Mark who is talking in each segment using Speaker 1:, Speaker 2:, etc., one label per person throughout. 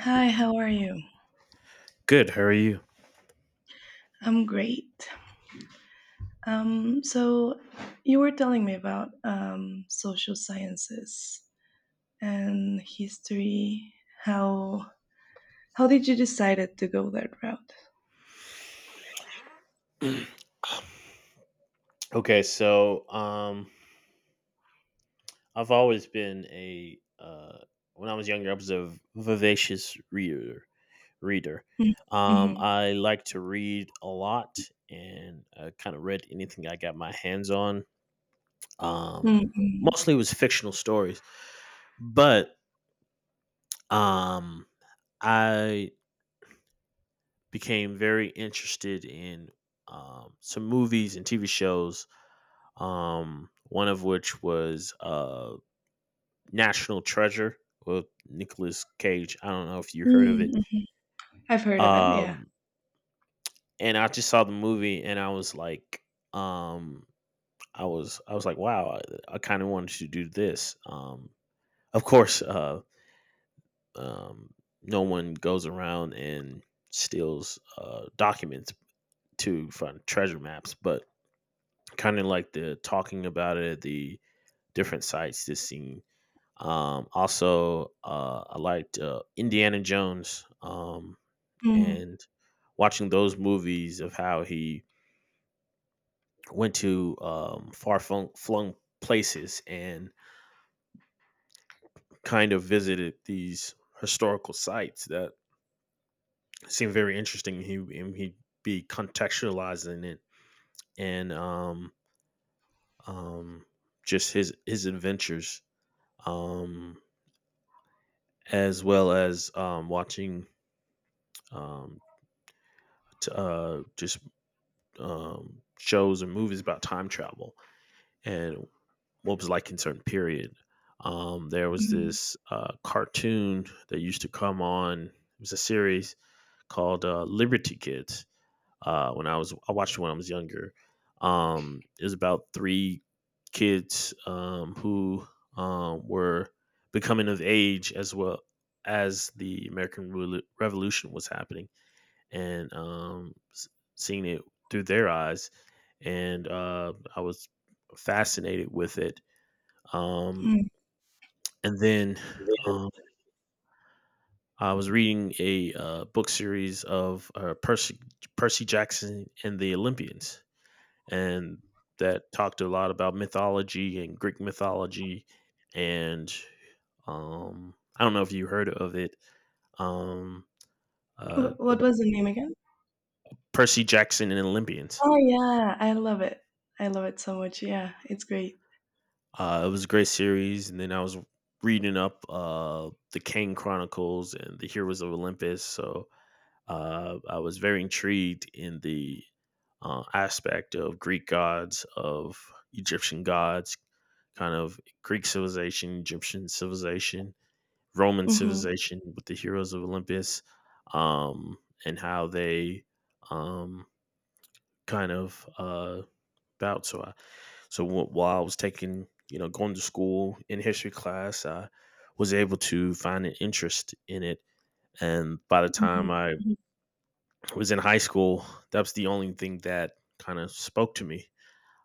Speaker 1: Hi, how are you?
Speaker 2: Good. How are you?
Speaker 1: I'm great. So you were telling me about social sciences and history. How how did you decide to go that route?
Speaker 2: Okay, so I've always been a, when I was younger, I was a vivacious reader. Reader,
Speaker 1: Mm-hmm. Mm-hmm.
Speaker 2: I like to read a lot, and I kind of read anything I got my hands on. Um,
Speaker 1: Mm-hmm.
Speaker 2: Mostly it was fictional stories, but um, I became very interested in some movies and TV shows. One of which was National Treasure with Nicolas Cage. I don't know if you heard of it.
Speaker 1: Mm-hmm. I've heard of it. Yeah.
Speaker 2: Um, and I just saw the movie and I was like, um, I was like, wow, I kind of wanted to do this. Of course, um, no one goes around and steals documents to find treasure maps, but kind of like the talking about it, the different sites, this scene. Also, I liked Indiana Jones,
Speaker 1: Mm-hmm.
Speaker 2: and watching those movies of how he went to far flung, flung places and kind of visited these historical sites that seemed very interesting. He'd be contextualizing it, and um, just his adventures, um, as well as watching um, just shows or movies about time travel and what was like in certain period. There was this cartoon that used to come on. It was a series called Liberty Kids. I watched it when I was younger. It was about three kids who were becoming of age as well as the American Revolution was happening, and seeing it through their eyes, and I was fascinated with it. Um, and then um, I was reading a book series of Percy Jackson and the Olympians, and that talked a lot about mythology and Greek mythology, and I don't know if you heard of it. Um,
Speaker 1: What
Speaker 2: about
Speaker 1: was the name again?
Speaker 2: Percy Jackson and Olympians.
Speaker 1: Oh, yeah, I love it. I love it so much. Yeah, it's great.
Speaker 2: It was a great series, and then I was reading up the Kane Chronicles and the Heroes of Olympus. So I was very intrigued in the aspect of Greek gods, of Egyptian gods, kind of Greek civilization, Egyptian civilization, Roman
Speaker 1: Mhm,
Speaker 2: civilization with the Heroes of Olympus, um, and how they um, kind of uh, about. So while I was taking, going to school in history class, I was able to find an interest in it. And by the
Speaker 1: mhm,
Speaker 2: time I
Speaker 1: mhm,
Speaker 2: was in high school, that was the only thing that kind of spoke to me.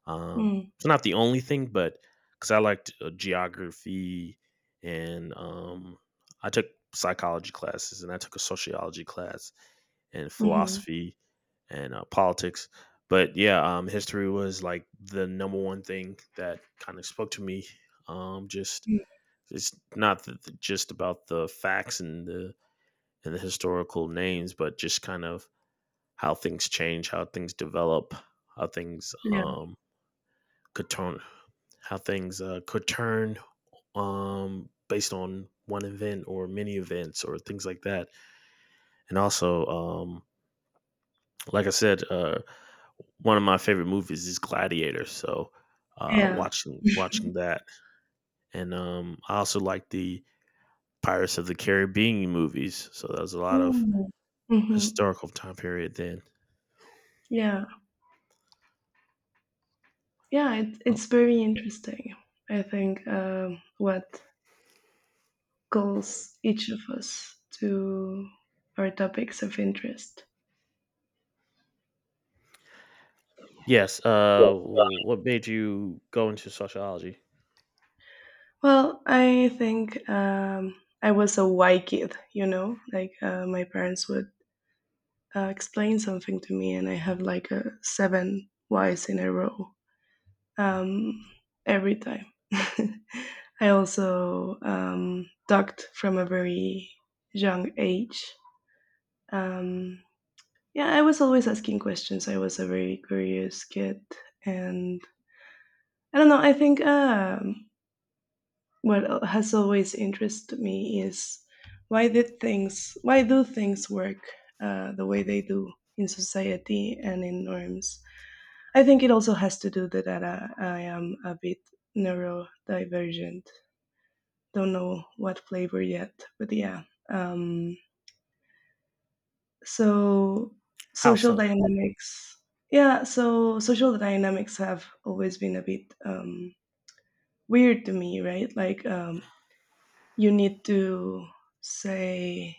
Speaker 1: mm,
Speaker 2: It's not the only thing, but because I liked geography, and I took psychology classes, and I took a sociology class and
Speaker 1: mhm,
Speaker 2: philosophy and politics. But yeah, history was like the number one thing that kind of spoke to me. Just
Speaker 1: mm.
Speaker 2: it's not just about the facts and the historical names, but just kind of how things change, how things develop, how things
Speaker 1: Yeah,
Speaker 2: could turn how things could turn based on one event or many events or things like that. And also, like I said, one of my favorite movies is Gladiator. So uh,
Speaker 1: yeah.
Speaker 2: watching watching that, and I also like the Pirates of the Caribbean movies. So that was a lot of
Speaker 1: Mm, mhm.
Speaker 2: historical time period then.
Speaker 1: Yeah. Yeah, it,
Speaker 2: Uh,
Speaker 1: it's very interesting. I think what calls each of us to our topics of interest.
Speaker 2: Yes.
Speaker 1: Yes.
Speaker 2: What made you go into sociology?
Speaker 1: Well, I think I was a Y kid, like my parents would explain something to me, and I have like a seven whys in a row um, every time. I also ducked from a very young age. Um, yeah, I was always asking questions. I was a very curious kid, and I don't know. I think what has always interested me is why do things work the way they do in society and in norms? I think it also has to do that I am a bit neurodivergent. Don't know what flavor yet, but yeah. Um, so
Speaker 2: How
Speaker 1: social
Speaker 2: so?
Speaker 1: dynamics, yeah. So social dynamics have always been a bit weird to me, right? Like you need to say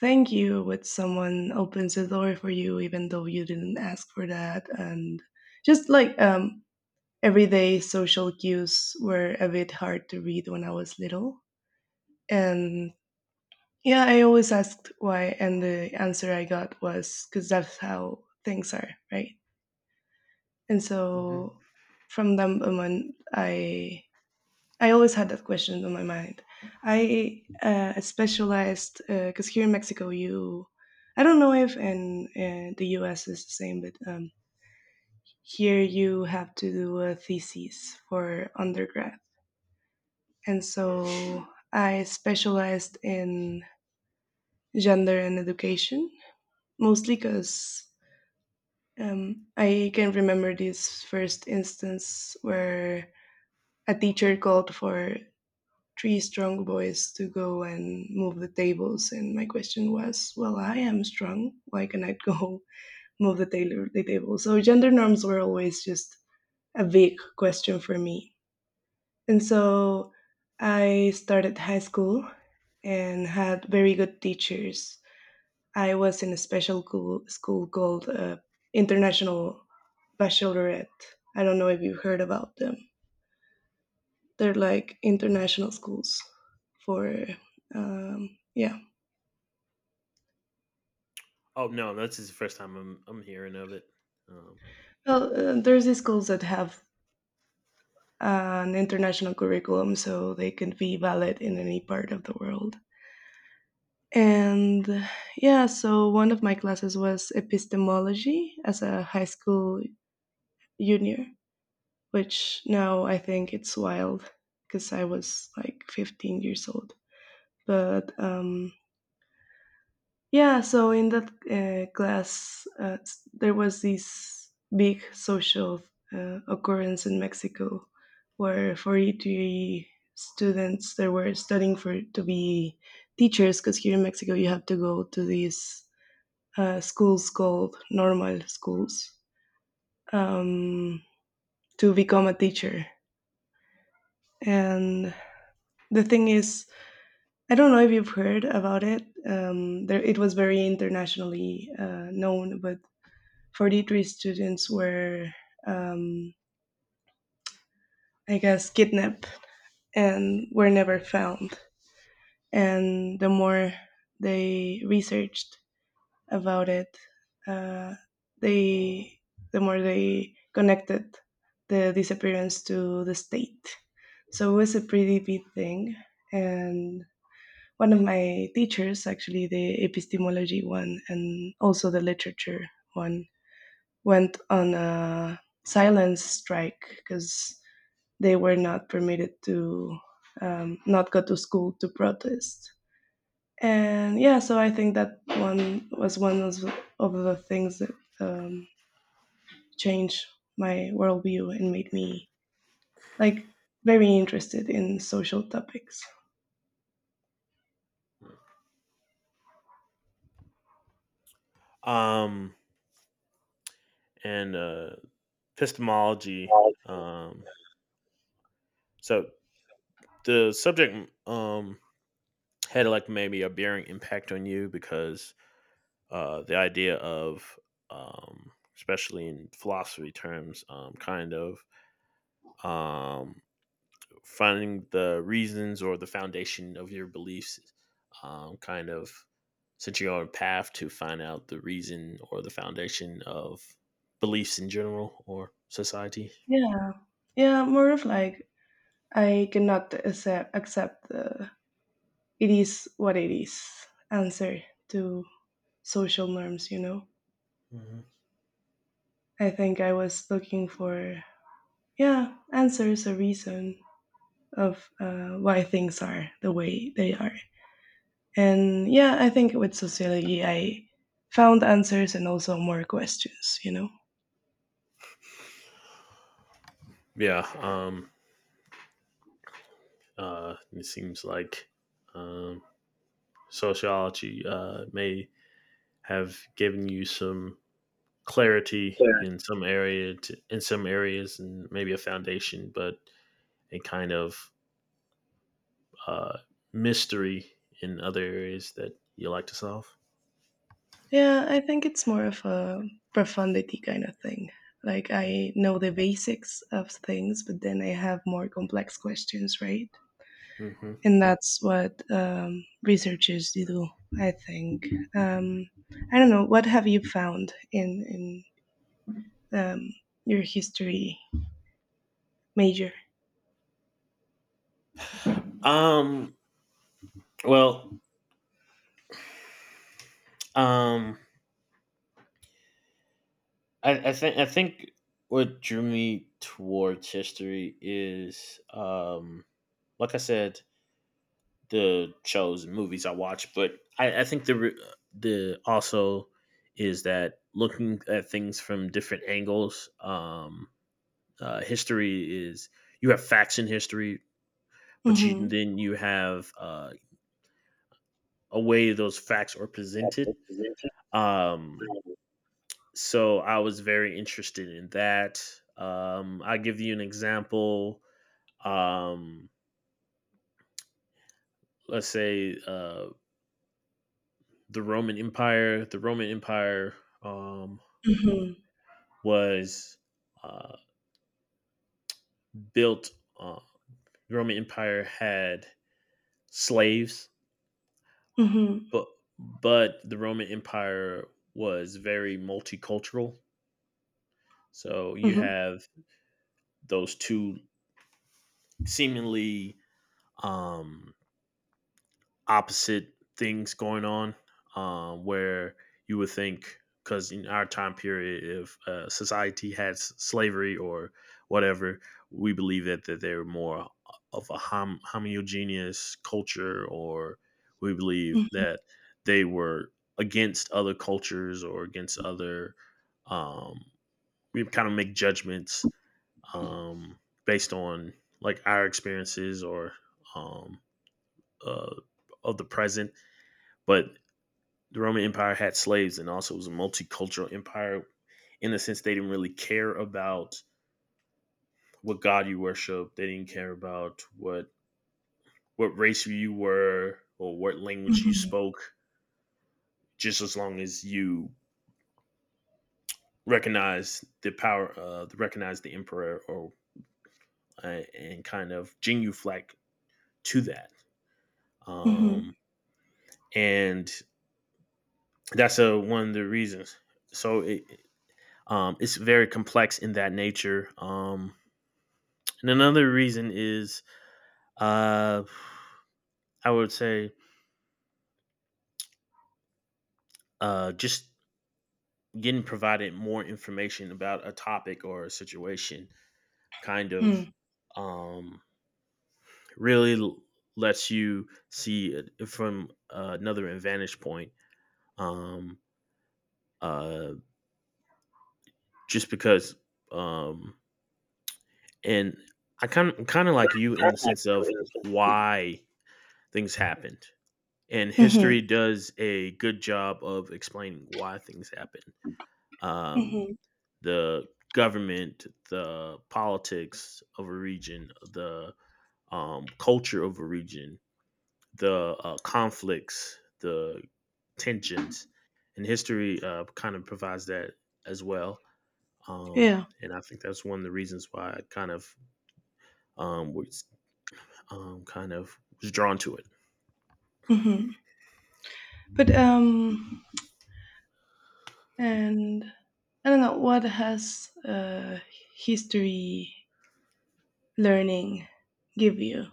Speaker 1: thank you when someone opens the door for you, even though you didn't ask for that, and just like everyday social cues were a bit hard to read when I was little. And yeah, I always asked why, and the answer I got was because that's how things are, right? And so
Speaker 2: Hmm.
Speaker 1: from that moment, I always had that question on my mind. I specialized because here in Mexico, you I don't know if in the U.S. is the same, but here you have to do a thesis for undergrad. And so I specialized in gender and education, mostly because I can remember this first instance where a teacher called for three strong boys to go and move the tables. And my question was, well, I am strong. Why can I go move the table? So gender norms were always just a big question for me. And so I started high school and had very good teachers. I was in a special cool school called International Baccalaureate. I don't know if you've heard about them. They're like international schools for, yeah.
Speaker 2: Oh no, this is the first time I'm hearing of it. Um,
Speaker 1: Well, there's these schools that have an international curriculum so they can be valid in any part of the world. And yeah, so one of my classes was epistemology as a high school junior, which now I think it's wild because I was like 15 years old. But yeah, so in that class, there was this big social occurrence in Mexico where 43 students they were studying for to be teachers because here in Mexico you have to go to these schools called normal schools um, to become a teacher. And the thing is, I don't know if you've heard about it. There, it was very internationally known, but 43 students were, um, I guess, kidnapped and were never found. And the more they researched, about it, uh, they the more they connected the disappearance to the state. So it was a pretty big thing. And one of my teachers, actually the epistemology one and also the literature one, went on a silence strike because they were not permitted to not go to school to protest. And yeah, so I think that one was one of the things that um, changed my worldview and made me like very interested in social topics.
Speaker 2: um, and Epistemology. Um, so the subject had like maybe a bearing impact on you because the idea of, especially in philosophy terms, kind of um, finding the reasons or the foundation of your beliefs, kind of, since you're on a path to find out the reason or the foundation of beliefs in general or society.
Speaker 1: Yeah, yeah, more of like I cannot accept the "it is what it is" answer to social norms, you know.
Speaker 2: Mhm.
Speaker 1: I think I was looking for, yeah, answers, a reason of why things are the way they are. And yeah, I think with sociology, I found answers and also more questions, you know?
Speaker 2: Yeah. It seems like um, sociology may have given you some clarity in some area, to, in some areas, and maybe a foundation, but a kind of uh, mystery in other areas that you like to solve.
Speaker 1: Yeah, I think it's more of a profundity kind of thing. Like I know the basics of things, but then I have more complex questions, right?
Speaker 2: Hmm.
Speaker 1: And that's what researchers do, I think. Um, I don't know. What have you found in um, your history major?
Speaker 2: Um. Well. Um. I think what drew me towards history is, like I said, the shows and movies I watch, but I think the also is that looking at things from different angles. History is, you have facts in history, but you
Speaker 1: Hmm.
Speaker 2: then you have a way those facts are presented. Um, so I was very interested in that. I give you an example. Um, let's say The Roman Empire Um,
Speaker 1: Hmm.
Speaker 2: was uh, built. Uh, the Roman Empire had slaves,
Speaker 1: Hmm.
Speaker 2: but but the Roman Empire was very multicultural. So you
Speaker 1: Hmm.
Speaker 2: have those two seemingly um, opposite things going on, where you would think, because in our time period, if society had slavery or whatever, we believe that, that they're more of a homogeneous culture, or we believe that they were against other cultures or against other, um, we kind of make judgments um, based on like our experiences, or um, uh, of the present. But the Roman Empire had slaves and also was a multicultural empire. In a sense, they didn't really care about what god you worship. They didn't care about what race you were or what language you
Speaker 1: Hmm.
Speaker 2: spoke. Just as long as you recognize the power, recognize the emperor, or and kind of genuflect to that.
Speaker 1: Hmm.
Speaker 2: Um, and that's one of the reasons. So it's very complex in that nature. And another reason is, uh, I would say, just getting provided more information about a topic or a situation kind
Speaker 1: Hmm.
Speaker 2: of
Speaker 1: Mm.
Speaker 2: um, really lets you see it from another advantage point. Um, uh, just because, um, and I kind of, like you, in the sense of why things happened, and history
Speaker 1: Mhm.
Speaker 2: does a good job of explaining why things happen, um,
Speaker 1: Mhm.
Speaker 2: the government, the politics of a region, the culture of a region, the conflicts, the tensions, and history kind of provides that as well. Um,
Speaker 1: Yeah.
Speaker 2: and I think that's one of the reasons why I kind of was kind of was drawn to it.
Speaker 1: Mhm. But and I don't know what has history learning give you.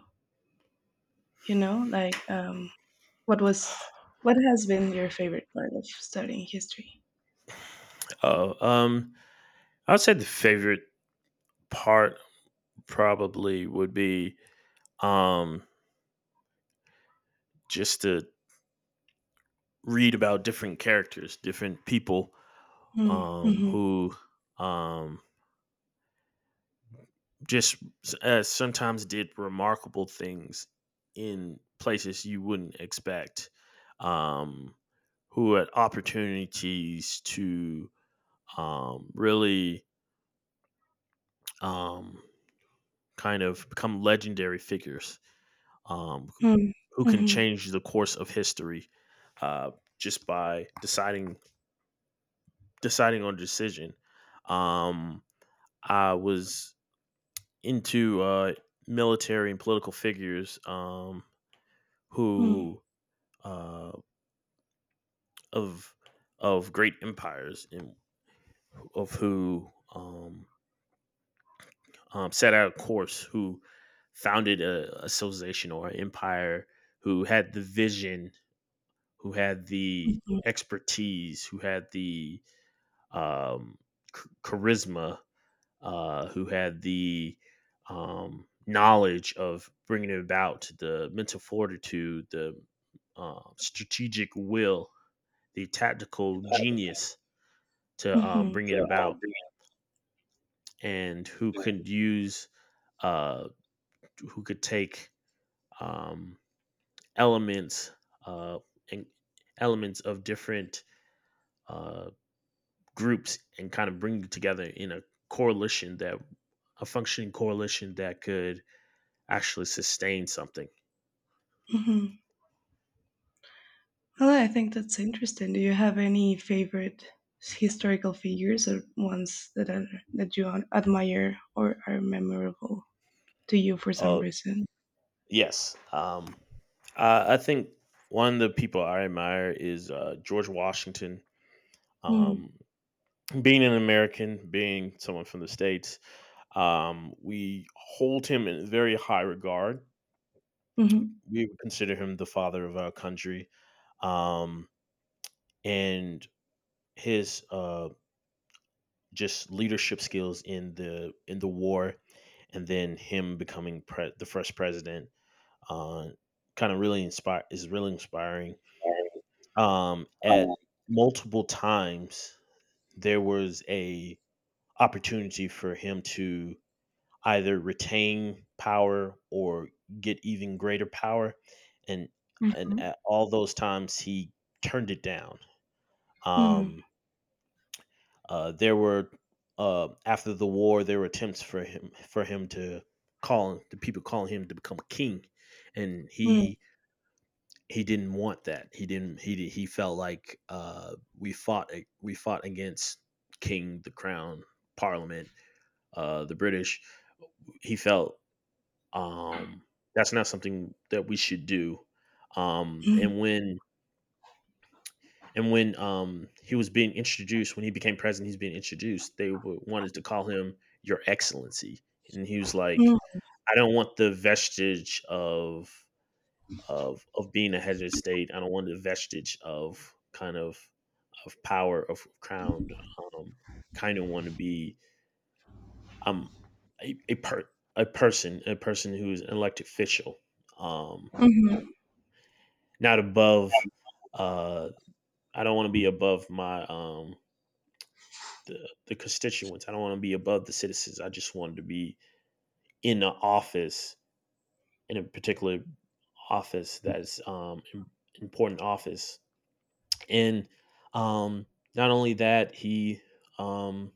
Speaker 1: You know, like what was what has been your favorite part of studying history?
Speaker 2: Uh, um, I would say the favorite part probably would be um, just the read about different characters, different people
Speaker 1: Mm. Mhm.
Speaker 2: who um, just sometimes did remarkable things in places you wouldn't expect, um, who had opportunities to really um, kind of become legendary figures, um,
Speaker 1: Mm.
Speaker 2: who can
Speaker 1: Mhm.
Speaker 2: change the course of history uh, just by deciding on a decision. Um, I was into military and political figures
Speaker 1: Mm.
Speaker 2: who uh, of of great empires, and of who, um, set out a course, who founded a civilization or an empire, who had the vision, who had the
Speaker 1: Mhm.
Speaker 2: expertise, who had the um, charisma, who had the knowledge of bringing about the mental fortitude, the strategic will, the tactical genius to
Speaker 1: Mhm.
Speaker 2: bring it about, and who could use, uh, who could take um, elements uh, and elements of different uh, groups and kind of bring them together in a coalition that a functioning coalition that could actually sustain something.
Speaker 1: Mhm. Well, I think that's interesting. Do you have any favorite historical figures or ones that are, that you admire or are memorable to you for some
Speaker 2: Uh,
Speaker 1: reason?
Speaker 2: yes. I think one of the people I admire is George Washington.
Speaker 1: Mm,
Speaker 2: Um, being an American, being someone from the States, we hold him in very high regard.
Speaker 1: hmm,
Speaker 2: We would consider him the father of our country. Um, and his just leadership skills in the war, and then him becoming the first president, uh, kind of really inspire is really inspiring. Um, at multiple times there was a opportunity for him to either retain power or get even greater power, and and
Speaker 1: hmm,
Speaker 2: at all those times he turned it down.
Speaker 1: mm,
Speaker 2: um there were, after the war, there were attempts for him to, call, the people calling him to become a king, and
Speaker 1: mm,
Speaker 2: he didn't want that. He didn't. He di- He felt like, we fought against the Crown, Parliament, the British. He felt um, that's not something that we should do. Um,
Speaker 1: mm,
Speaker 2: and when and when he was being introduced, when he became president, he's being introduced. They wanted to call him Your Excellency, and he was
Speaker 1: mm,
Speaker 2: like, "I don't want the vestige of being a head of state. I don't want the vestige of kind of power of crowned um, kind of want to be um a, a per a person who's an elected official um
Speaker 1: mhm,
Speaker 2: not above uh I don't want to be above my the, the constituents. I don't want to be above the citizens. I just wanted to be in the office, in a particular office that's important office. And um not only that, um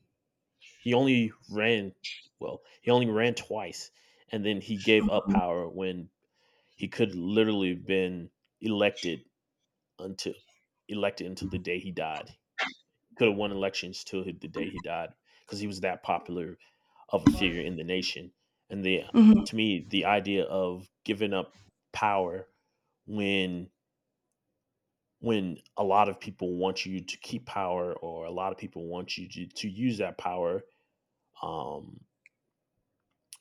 Speaker 2: he only ran well, he only ran twice, and then he gave up power when he could literally been elected until elected until the day he died. Could have won elections till the day he died because he was that popular of a figure in the nation. And the
Speaker 1: mhm.
Speaker 2: to me, the idea of giving up power when a lot of people want you to keep power, or a lot of people want you to use that power, um,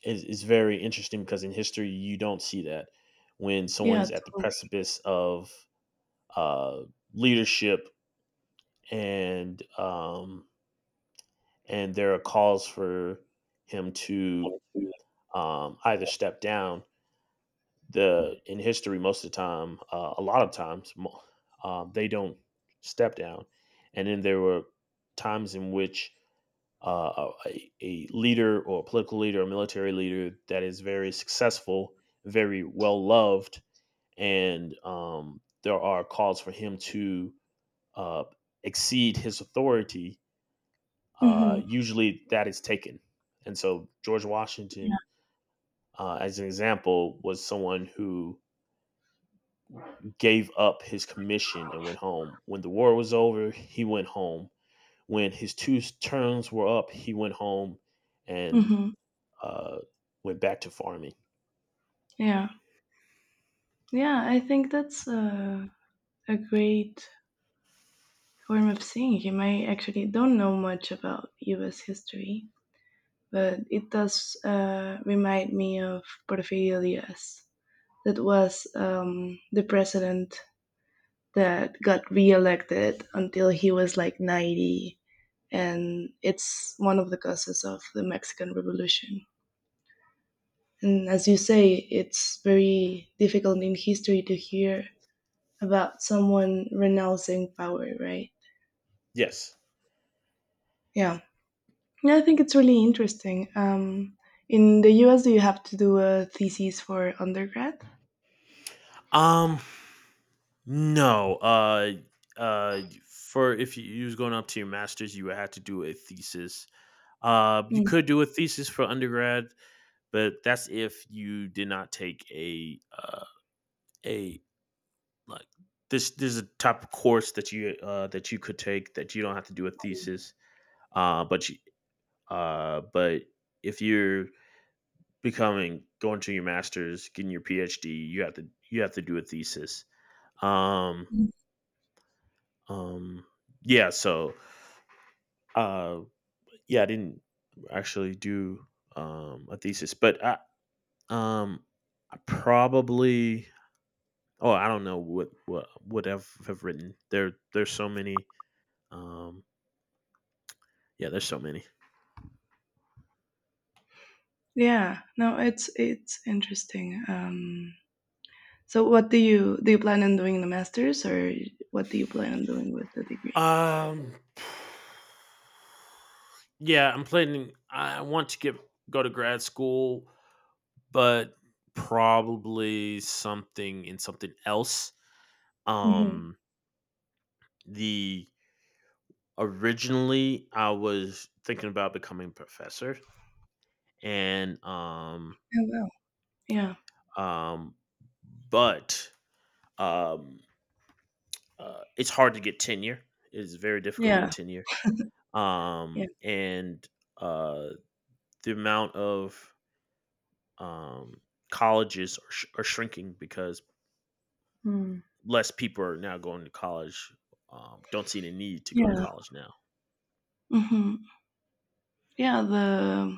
Speaker 2: is very interesting because in history you don't see that when
Speaker 1: Yeah,
Speaker 2: someone's at the
Speaker 1: totally.
Speaker 2: precipice of uh, leadership, and um, and there are calls for him to either step down. The in history most of the time, a lot of times they don't step down. And then there were times in which. A, a leader or a political leader or military leader that is very successful, very well loved, and there are calls for him to uh, exceed his authority.
Speaker 1: Hmm.
Speaker 2: Usually, that is taken, and so George
Speaker 1: Yeah.
Speaker 2: Washington, as an example, was someone who gave up his commission and went home. When the war was over, he went home. When his two terms were up, he went home, and
Speaker 1: Hmm.
Speaker 2: uh, went back to farming.
Speaker 1: Yeah. Yeah, I think that's a great form of seeing him. I actually don't know much about US history, but it does remind me of Porfirios. That was the president that got re-elected until he was like 90, and it's one of the causes of the Mexican Revolution. And as you say, it's very difficult in history to hear about someone renouncing power, right?
Speaker 2: Yes.
Speaker 1: Yeah. Yeah, I think it's really interesting. In the US, do you have to do a thesis for undergrad?
Speaker 2: Um. No, for if you, you was going up to your master's, you would have to do a thesis. You could do a thesis for undergrad, but that's if you did not take a like this. There's a type of course that you could take that you don't have to do a thesis. But you, but if you're becoming going to your master's, getting your PhD, you have to do a thesis. Um,
Speaker 1: Mm.
Speaker 2: um, yeah. So, uh. yeah, I didn't actually do a thesis, but um, I probably oh I don't know what would have written. There's so many. Um, yeah, there's so many.
Speaker 1: Yeah, no, it's interesting. So, what do? You plan on doing the masters, or what do you plan on doing with the degree?
Speaker 2: Um, yeah, I'm planning. I want to get go to grad school, but probably something in something else.
Speaker 1: Hmm.
Speaker 2: Um, the originally I was thinking about becoming a professor and
Speaker 1: Oh wow! Yeah,
Speaker 2: um but um it's hard to get tenure. It's very difficult to
Speaker 1: yeah,
Speaker 2: get tenure.
Speaker 1: yeah,
Speaker 2: And uh the amount of um colleges are shrinking because
Speaker 1: mm.
Speaker 2: less people are now going to college. Don't see the need to go to
Speaker 1: Yeah,
Speaker 2: college now.
Speaker 1: hmm, yeah. The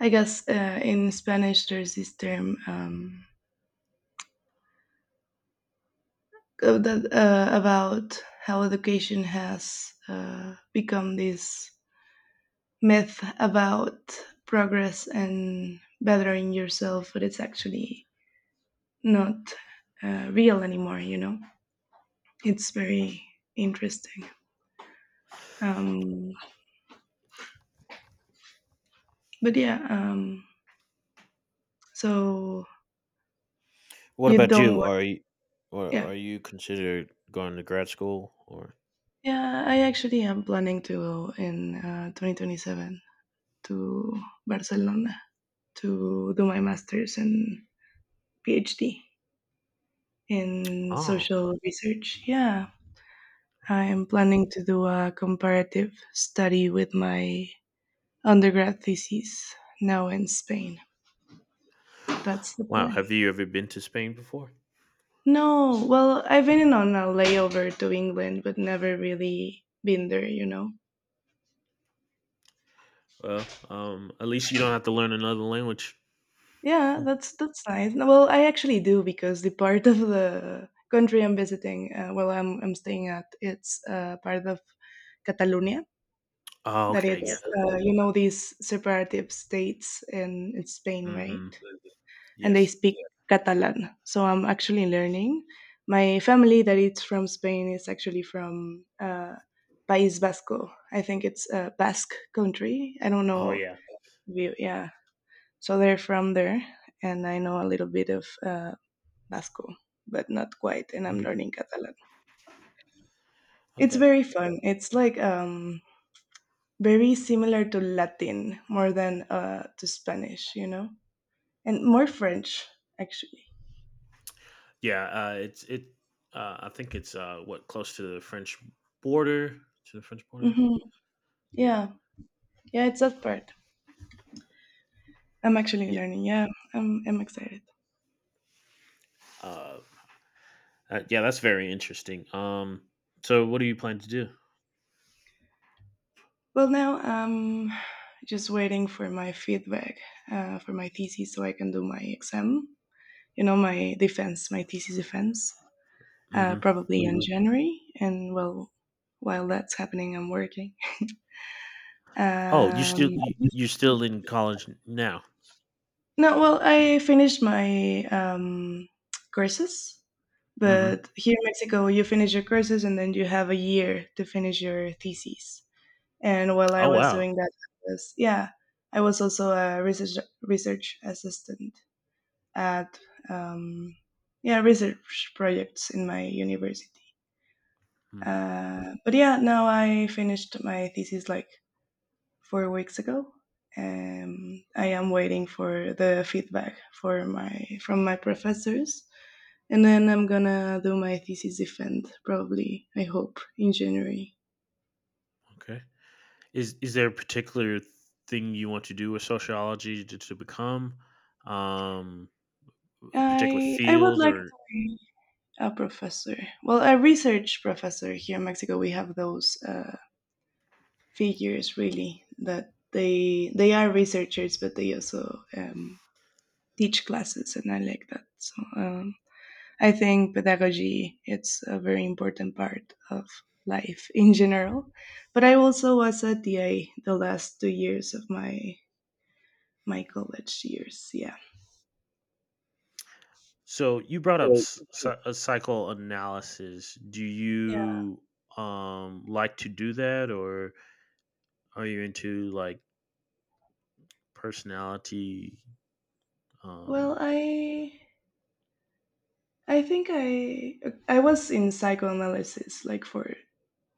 Speaker 1: I guess in Spanish there's this term that about how education has become this myth about progress and bettering yourself, but it's actually not real anymore, you know. It's very interesting. Um but yeah. So
Speaker 2: What
Speaker 1: you
Speaker 2: about
Speaker 1: don't
Speaker 2: you?
Speaker 1: want.
Speaker 2: Are you or
Speaker 1: Yeah,
Speaker 2: are you considered going to grad school or
Speaker 1: yeah, I actually am planning to go in 2027 to Barcelona to do my masters and PhD in
Speaker 2: oh
Speaker 1: social research, yeah. I
Speaker 2: well,
Speaker 1: am planning to do a comparative study with my undergrad thesis now in Spain. That's the
Speaker 2: wow,
Speaker 1: plan.
Speaker 2: have you ever been to Spain before?
Speaker 1: No, well, I've been on a layover to England, but never really been there, you know.
Speaker 2: Well, at least you don't have to learn another language.
Speaker 1: Yeah, that's nice. No, well, I actually do because the part of the country I'm visiting, well, I'm staying at, it's part of Catalonia,
Speaker 2: Oh,
Speaker 1: that
Speaker 2: okay,
Speaker 1: it's
Speaker 2: yeah.
Speaker 1: you know these separative states in Spain, right?
Speaker 2: Hmm.
Speaker 1: And they
Speaker 2: Yes.
Speaker 1: speak Catalan. So I'm actually learning. My family that is from Spain is actually from País Vasco. I think it's a Basque country. I don't
Speaker 2: Oh,
Speaker 1: know.
Speaker 2: yeah.
Speaker 1: Yeah. So they're from there, and I know a little bit of Basco, but not quite. And I'm
Speaker 2: Mm,
Speaker 1: learning Catalan. It's
Speaker 2: okay.
Speaker 1: very fun. It's like very similar to Latin more than to Spanish, and more French actually.
Speaker 2: Yeah. It's it. I think it's what close to the French border. To the French border.
Speaker 1: Hmm.
Speaker 2: Yeah.
Speaker 1: Yeah, yeah, it's that part. I'm actually
Speaker 2: Yeah.
Speaker 1: learning. Yeah, I'm excited.
Speaker 2: Uh, yeah. That's very interesting. So, what do you plan to do?
Speaker 1: Well, now I'm just waiting for my feedback, for my thesis so I can do my exam. You know, my defense, my thesis defense,
Speaker 2: Hmm.
Speaker 1: probably in January. And well, while that's happening, I'm working.
Speaker 2: Oh, you
Speaker 1: Um,
Speaker 2: still you're still in college now.
Speaker 1: no, well, I finished my courses,
Speaker 2: Hmm.
Speaker 1: but here in Mexico, you finish your courses and then you have a year to finish your thesis. And while I
Speaker 2: Oh,
Speaker 1: was
Speaker 2: wow.
Speaker 1: doing that, I was yeah, I was also a research assistant at um, yeah, research projects in my university.
Speaker 2: Mm,
Speaker 1: But yeah, now I finished my thesis like 4 weeks ago. I am waiting for the feedback for my from my professors, and then I'm gonna do my thesis defend, probably. I hope in January.
Speaker 2: okay. Is there a particular thing you want to do with sociology to become um, a particular
Speaker 1: I would
Speaker 2: field
Speaker 1: like
Speaker 2: or
Speaker 1: to. A professor. Well, a research professor here in Mexico, we have those figures really that they are researchers, but they also um, teach classes, and I like that. So I think pedagogy it's a very important part of life in general. But I also was a DA the last 2 years of my college years. Yeah.
Speaker 2: so you brought up
Speaker 1: Right.
Speaker 2: psychoanalysis. Do
Speaker 1: Yeah.
Speaker 2: you like to do that or are you into like personality
Speaker 1: Well,
Speaker 2: um,
Speaker 1: I think I was in psychoanalysis like for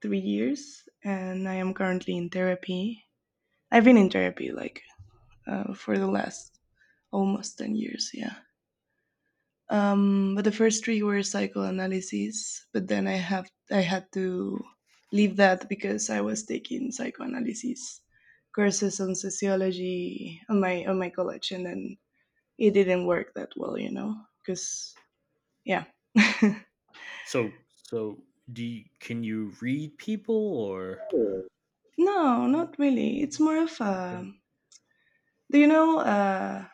Speaker 1: 3 years, and I am currently in therapy. I've been in therapy like for the last almost 10 years. Yeah. But the first three were psychoanalysis, but then I had to leave that because I was taking psychoanalysis courses on sociology on my college, and then it didn't work that well, because yeah.
Speaker 2: so so do you, can you read people or
Speaker 1: Oh. No, not really. It's more of
Speaker 2: yeah.
Speaker 1: a. Do you know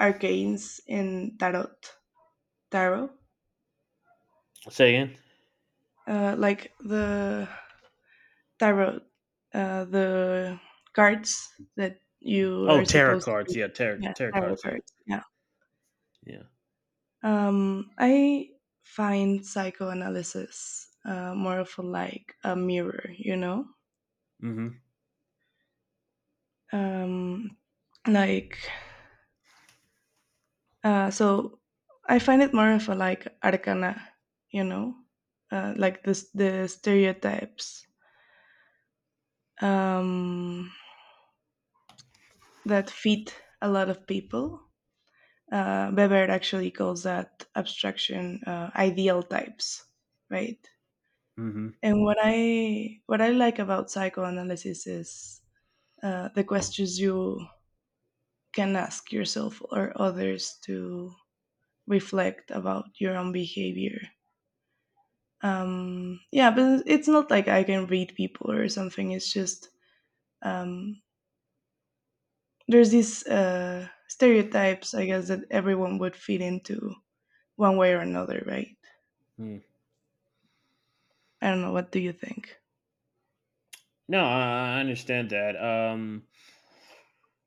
Speaker 1: arcanes in tarot? Tarot,
Speaker 2: Say again?
Speaker 1: like the tarot, the cards that you
Speaker 2: Oh,
Speaker 1: are
Speaker 2: tarot
Speaker 1: supposed to
Speaker 2: cards.
Speaker 1: read.
Speaker 2: Yeah, tarot
Speaker 1: Yeah,
Speaker 2: tarot
Speaker 1: tarot
Speaker 2: cards. Yeah,
Speaker 1: cards. Yeah.
Speaker 2: yeah.
Speaker 1: I find psychoanalysis more of a, like a mirror.
Speaker 2: Mm-hmm.
Speaker 1: Um, like Uh, so I find it more of a like arcana, you know, like this the stereotypes um, that fit a lot of people. Weber actually calls that abstraction ideal types, right?
Speaker 2: Mm-hmm.
Speaker 1: And what I like about psychoanalysis is the questions you can ask yourself or others to reflect about your own behavior. Yeah, but it's not like I can read people or something. It's just um there's these stereotypes, I guess, that everyone would fit into one way or another, right? I don't know, what do you think?
Speaker 2: No, I understand that.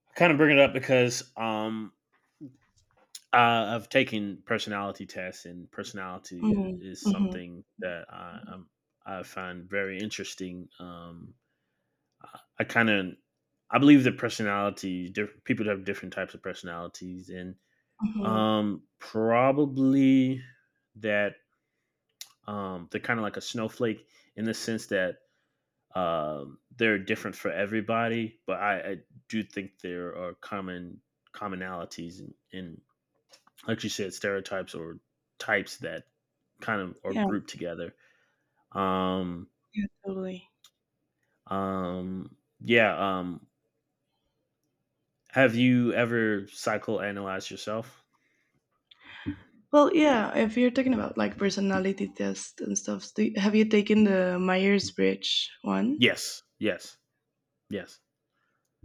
Speaker 2: I kind of bring it up because I've taken personality tests, and personality
Speaker 1: mm,
Speaker 2: is
Speaker 1: mm-hmm,
Speaker 2: something that I'm, I find very interesting. I kind of I believe that personality people have different types of personalities, and
Speaker 1: mm-hmm.
Speaker 2: probably that they're kind of like a snowflake in the sense that they're different for everybody, but I do think there are commonalities in, and, like you said, stereotypes or types that kind of are
Speaker 1: Yeah.
Speaker 2: grouped together. Um,
Speaker 1: Yeah, totally.
Speaker 2: um, yeah. Have you ever psychoanalyzed yourself?
Speaker 1: Well, yeah, if you're talking about like personality tests and stuff, have you taken the Myers-Briggs one?
Speaker 2: Yes, yes, yes.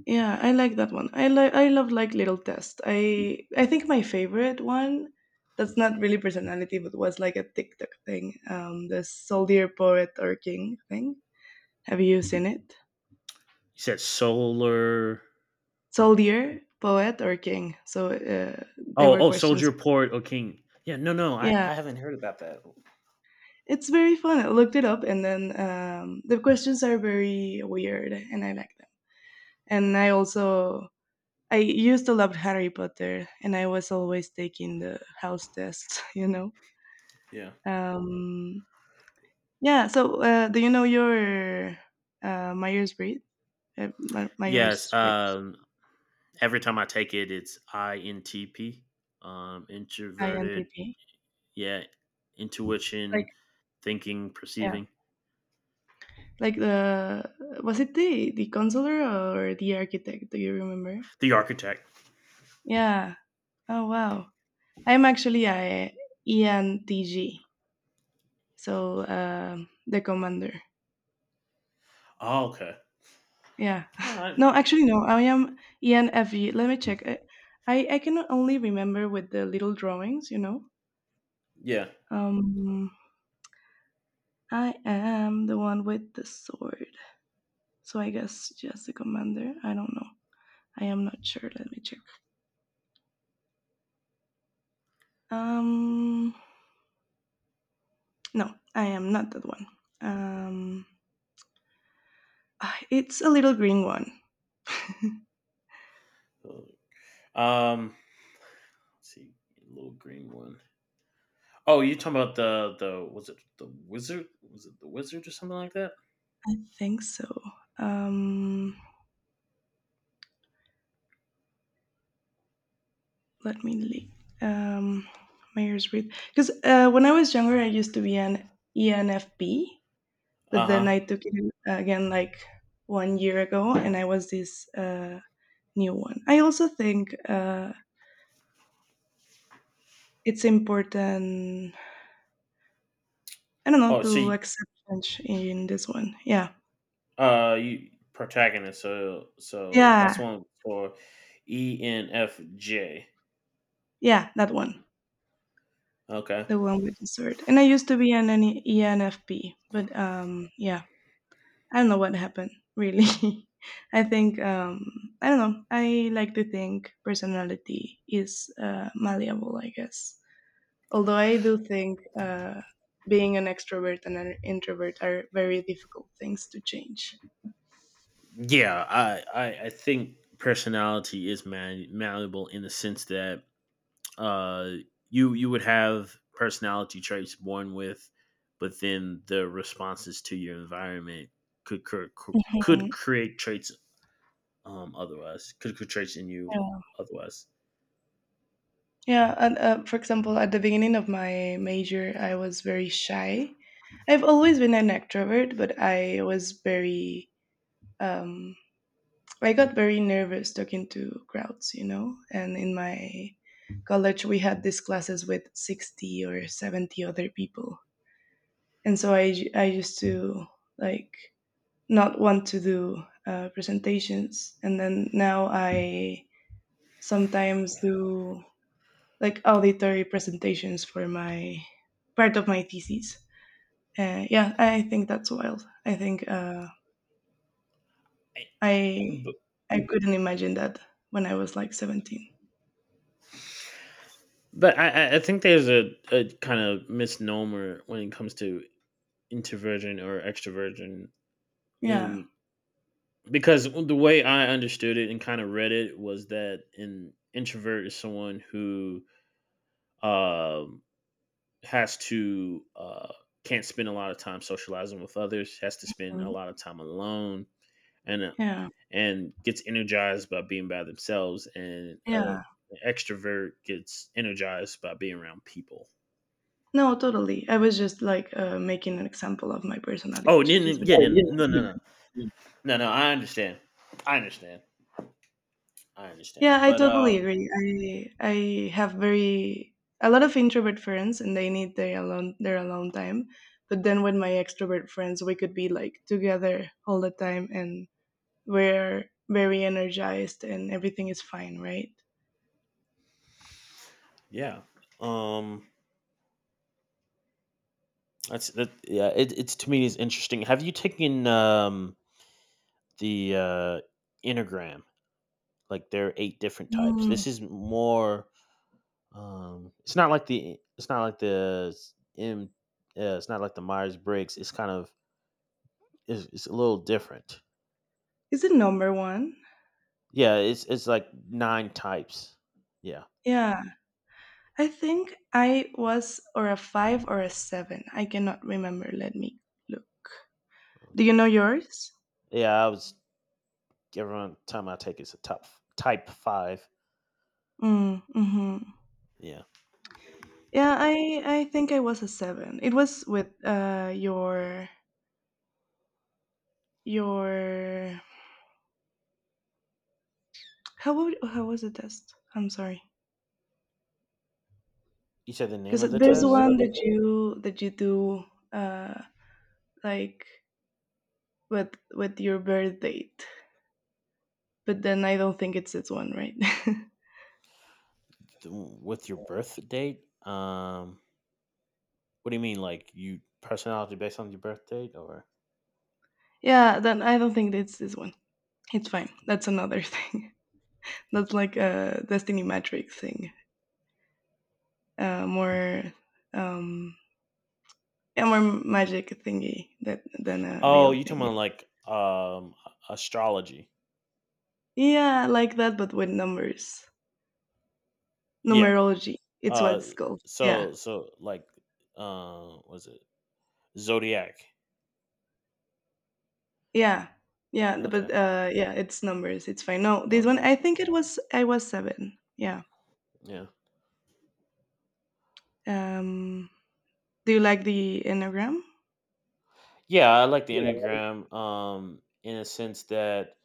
Speaker 1: Yeah, I like that one. I I love like little test. I think my favorite one that's not really personality but was like a TikTok thing, the soldier poet or king thing. Have you seen it?
Speaker 2: You said solar.
Speaker 1: Soldier poet or king. So, they
Speaker 2: Oh,
Speaker 1: were
Speaker 2: oh, soldier
Speaker 1: questions.
Speaker 2: port or king. Yeah, no, no,
Speaker 1: Yeah,
Speaker 2: I haven't heard about that.
Speaker 1: it's very fun. I looked it up, and then the questions are very weird and I like them. And I also, I used to love Harry Potter and I was always taking the house test, you know.
Speaker 2: Yeah.
Speaker 1: Um, yeah. So, do you know your Myers Briggs?
Speaker 2: Yes.
Speaker 1: Myers Briggs,
Speaker 2: Every time I take it, it's INTP, introverted,
Speaker 1: INTP.
Speaker 2: yeah,
Speaker 1: Like,
Speaker 2: intuition, thinking,
Speaker 1: yeah,
Speaker 2: perceiving.
Speaker 1: like the was it the counselor or the architect? Do you remember?
Speaker 2: The architect.
Speaker 1: Yeah. Oh wow. I'm actually a ENTG, so the commander.
Speaker 2: Oh, okay.
Speaker 1: Yeah.
Speaker 2: All right.
Speaker 1: No, actually no. I am ENFG. Let me check. I can only remember with the little drawings, you know.
Speaker 2: Yeah.
Speaker 1: Um, I am the one with the sword. So I guess just the commander. I don't know. I am not sure. Let me check. Um, no, I am not that one. Um, it's a little green one. I
Speaker 2: Um, let's see, a little green one. Oh, you talking about the was it the wizard? Was it the wizard or something like that?
Speaker 1: think so. Um, let me leak. Um, Myers-Briggs, because when I was younger, I used to be an ENFP, but
Speaker 2: Uh
Speaker 1: then I
Speaker 2: huh.
Speaker 1: took it again like 1 year ago, and I was this new one. I also think it's important, I don't know,
Speaker 2: Oh, so
Speaker 1: to
Speaker 2: you,
Speaker 1: accept change in this one. Yeah.
Speaker 2: you protagonist. So so
Speaker 1: Yeah.
Speaker 2: that's one for ENFJ.
Speaker 1: Yeah, that one.
Speaker 2: Okay.
Speaker 1: The one with the sword. And I used to be an NE ENFP, but yeah, I don't know what happened, really. I think I don't know. I like to think personality is malleable, I guess. Although I do think being an extrovert and an introvert are very difficult things to change.
Speaker 2: Yeah, I think personality is man, malleable in the sense that uh, you you would have personality traits born with, but then the responses to your environment could cr- cr- could
Speaker 1: Mhm.
Speaker 2: create traits otherwise could create traits in you
Speaker 1: Yeah.
Speaker 2: otherwise.
Speaker 1: Yeah, and for example, at the beginning of my major, I was very shy. I've always been an extrovert, but I was very, um, I got very nervous talking to crowds, you know. And in my college, we had these classes with 60 or 70 other people, and so I used to like not want to do presentations, and then now I sometimes do like auditory presentations for my part of my thesis. Yeah, I think that's wild. I think
Speaker 2: I-
Speaker 1: I
Speaker 2: But,
Speaker 1: I couldn't imagine that when I was like 17.
Speaker 2: but I think there's a kind of misnomer when it comes to introversion or extroversion
Speaker 1: Yeah.
Speaker 2: in because the way I understood it and kind of read it was that an introvert is someone who um, has to can't spend a lot of time socializing with others, has to spend a
Speaker 1: Mm.
Speaker 2: lot of time alone, and uh,
Speaker 1: Yeah,
Speaker 2: and gets energized by being by themselves, and
Speaker 1: yeah.
Speaker 2: an extrovert gets energized by being around people.
Speaker 1: No, totally. I was just like making an example of my personality
Speaker 2: Oh,
Speaker 1: changes. But
Speaker 2: yeah,
Speaker 1: oh, yeah.
Speaker 2: no, no, no, no, no. I understand. I understand. I understand.
Speaker 1: Yeah, I
Speaker 2: But
Speaker 1: totally agree. I have very a lot of introvert friends and they need their alone time. But then with my extrovert friends we could be like together all the time and we're very energized and everything is fine, right?
Speaker 2: yeah. Um, that's that. Yeah, it's to me is interesting. Have you taken the Enneagram? Like there are eight different types.
Speaker 1: Mm.
Speaker 2: This is more. It's not like the s- M. Yeah, it's not like the Myers Briggs. It's kind of. It's a little different.
Speaker 1: Is it number one?
Speaker 2: Yeah, it's like nine types. Yeah.
Speaker 1: Yeah. I think I was or a five or a seven. I cannot remember. Let me look. Do you know
Speaker 2: Okay.
Speaker 1: yours?
Speaker 2: Yeah, I was every time I take it's a top type five.
Speaker 1: Mm, mm-hmm.
Speaker 2: Yeah.
Speaker 1: Yeah, I think I was a seven. It was with your how was the test? I'm sorry,
Speaker 2: You said the
Speaker 1: because
Speaker 2: name of the
Speaker 1: there's
Speaker 2: test
Speaker 1: one that you do uh like with your birth date, but then I don't think it's this one, right?
Speaker 2: the with your birth date. What do you mean, like you personality based on your birth date, or?
Speaker 1: Yeah, then I don't think it's this one. It's fine. That's another thing. That's like a destiny magic thing. More um yeah, more magic thingy that than a
Speaker 2: Oh,
Speaker 1: real
Speaker 2: you talking
Speaker 1: thing.
Speaker 2: about like astrology?
Speaker 1: Yeah, like that, but with numbers.
Speaker 2: Yeah.
Speaker 1: Numerology. It's what
Speaker 2: Uh,
Speaker 1: it's called. Yeah.
Speaker 2: so so like, was it zodiac?
Speaker 1: Yeah. Yeah. But
Speaker 2: Okay,
Speaker 1: yeah, it's numbers. It's fine. No, this one
Speaker 2: okay,
Speaker 1: I think it was I was seven. Yeah.
Speaker 2: yeah,
Speaker 1: Um do you like the Enneagram?
Speaker 2: yeah. I like the Enneagram. In a sense that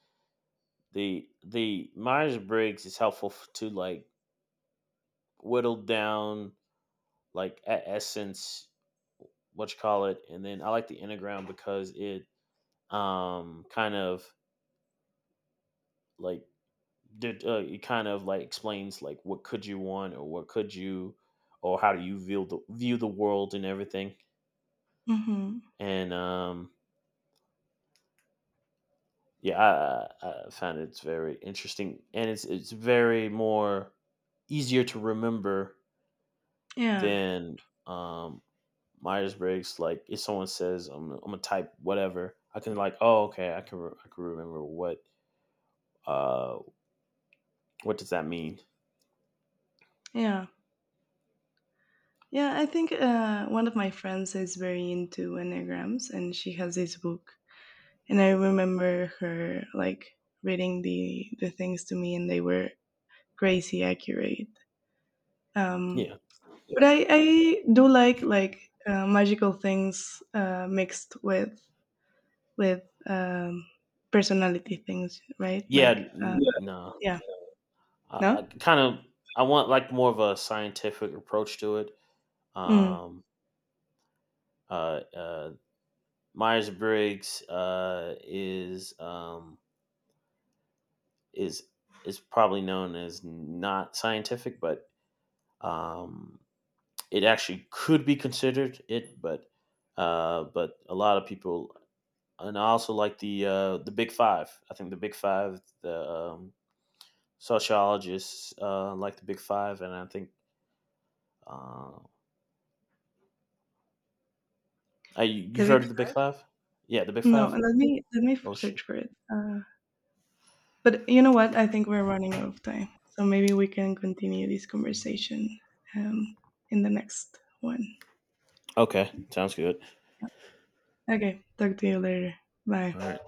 Speaker 2: the Myers Briggs is helpful to like whittle down like essence, what you call it, and then I like the Enneagram because it kind of like did it kind of like explains like what could you want or what could you or how do you view the world and everything,
Speaker 1: Mm-hmm.
Speaker 2: and yeah, I, I found it's very interesting, and it's very more easier to remember
Speaker 1: Yeah.
Speaker 2: than um Myers Briggs. Like if someone says I'm gonna type whatever, I can like, oh okay, I can I can remember uh what does that mean.
Speaker 1: Yeah. Yeah, I think one of my friends is very into Enneagrams and she has this book. And I remember her like reading the things to me and they were crazy accurate. Um
Speaker 2: Yeah
Speaker 1: But I do like magical things mixed with with um, personality things, right?
Speaker 2: yeah no,
Speaker 1: Yeah. Yeah,
Speaker 2: I
Speaker 1: no.
Speaker 2: kind of I want like more of a scientific approach to it.
Speaker 1: Mm.
Speaker 2: Um, uh, uh, Myers Briggs is is is probably known as not scientific, but um, it actually could be considered it. But a lot of people, and I also like the Big Five. I think the Big Five, the sociologists like the Big Five, and I think uh, I, you
Speaker 1: The big
Speaker 2: heard of the Big Five? Yeah, the Big
Speaker 1: no.
Speaker 2: Five.
Speaker 1: Let me
Speaker 2: Oh
Speaker 1: search
Speaker 2: shit.
Speaker 1: for it. But you know what? I think we're running out of time, so maybe we can continue this conversation um, in the next one.
Speaker 2: Okay, sounds good.
Speaker 1: Okay, talk to you later. Bye.
Speaker 2: All right.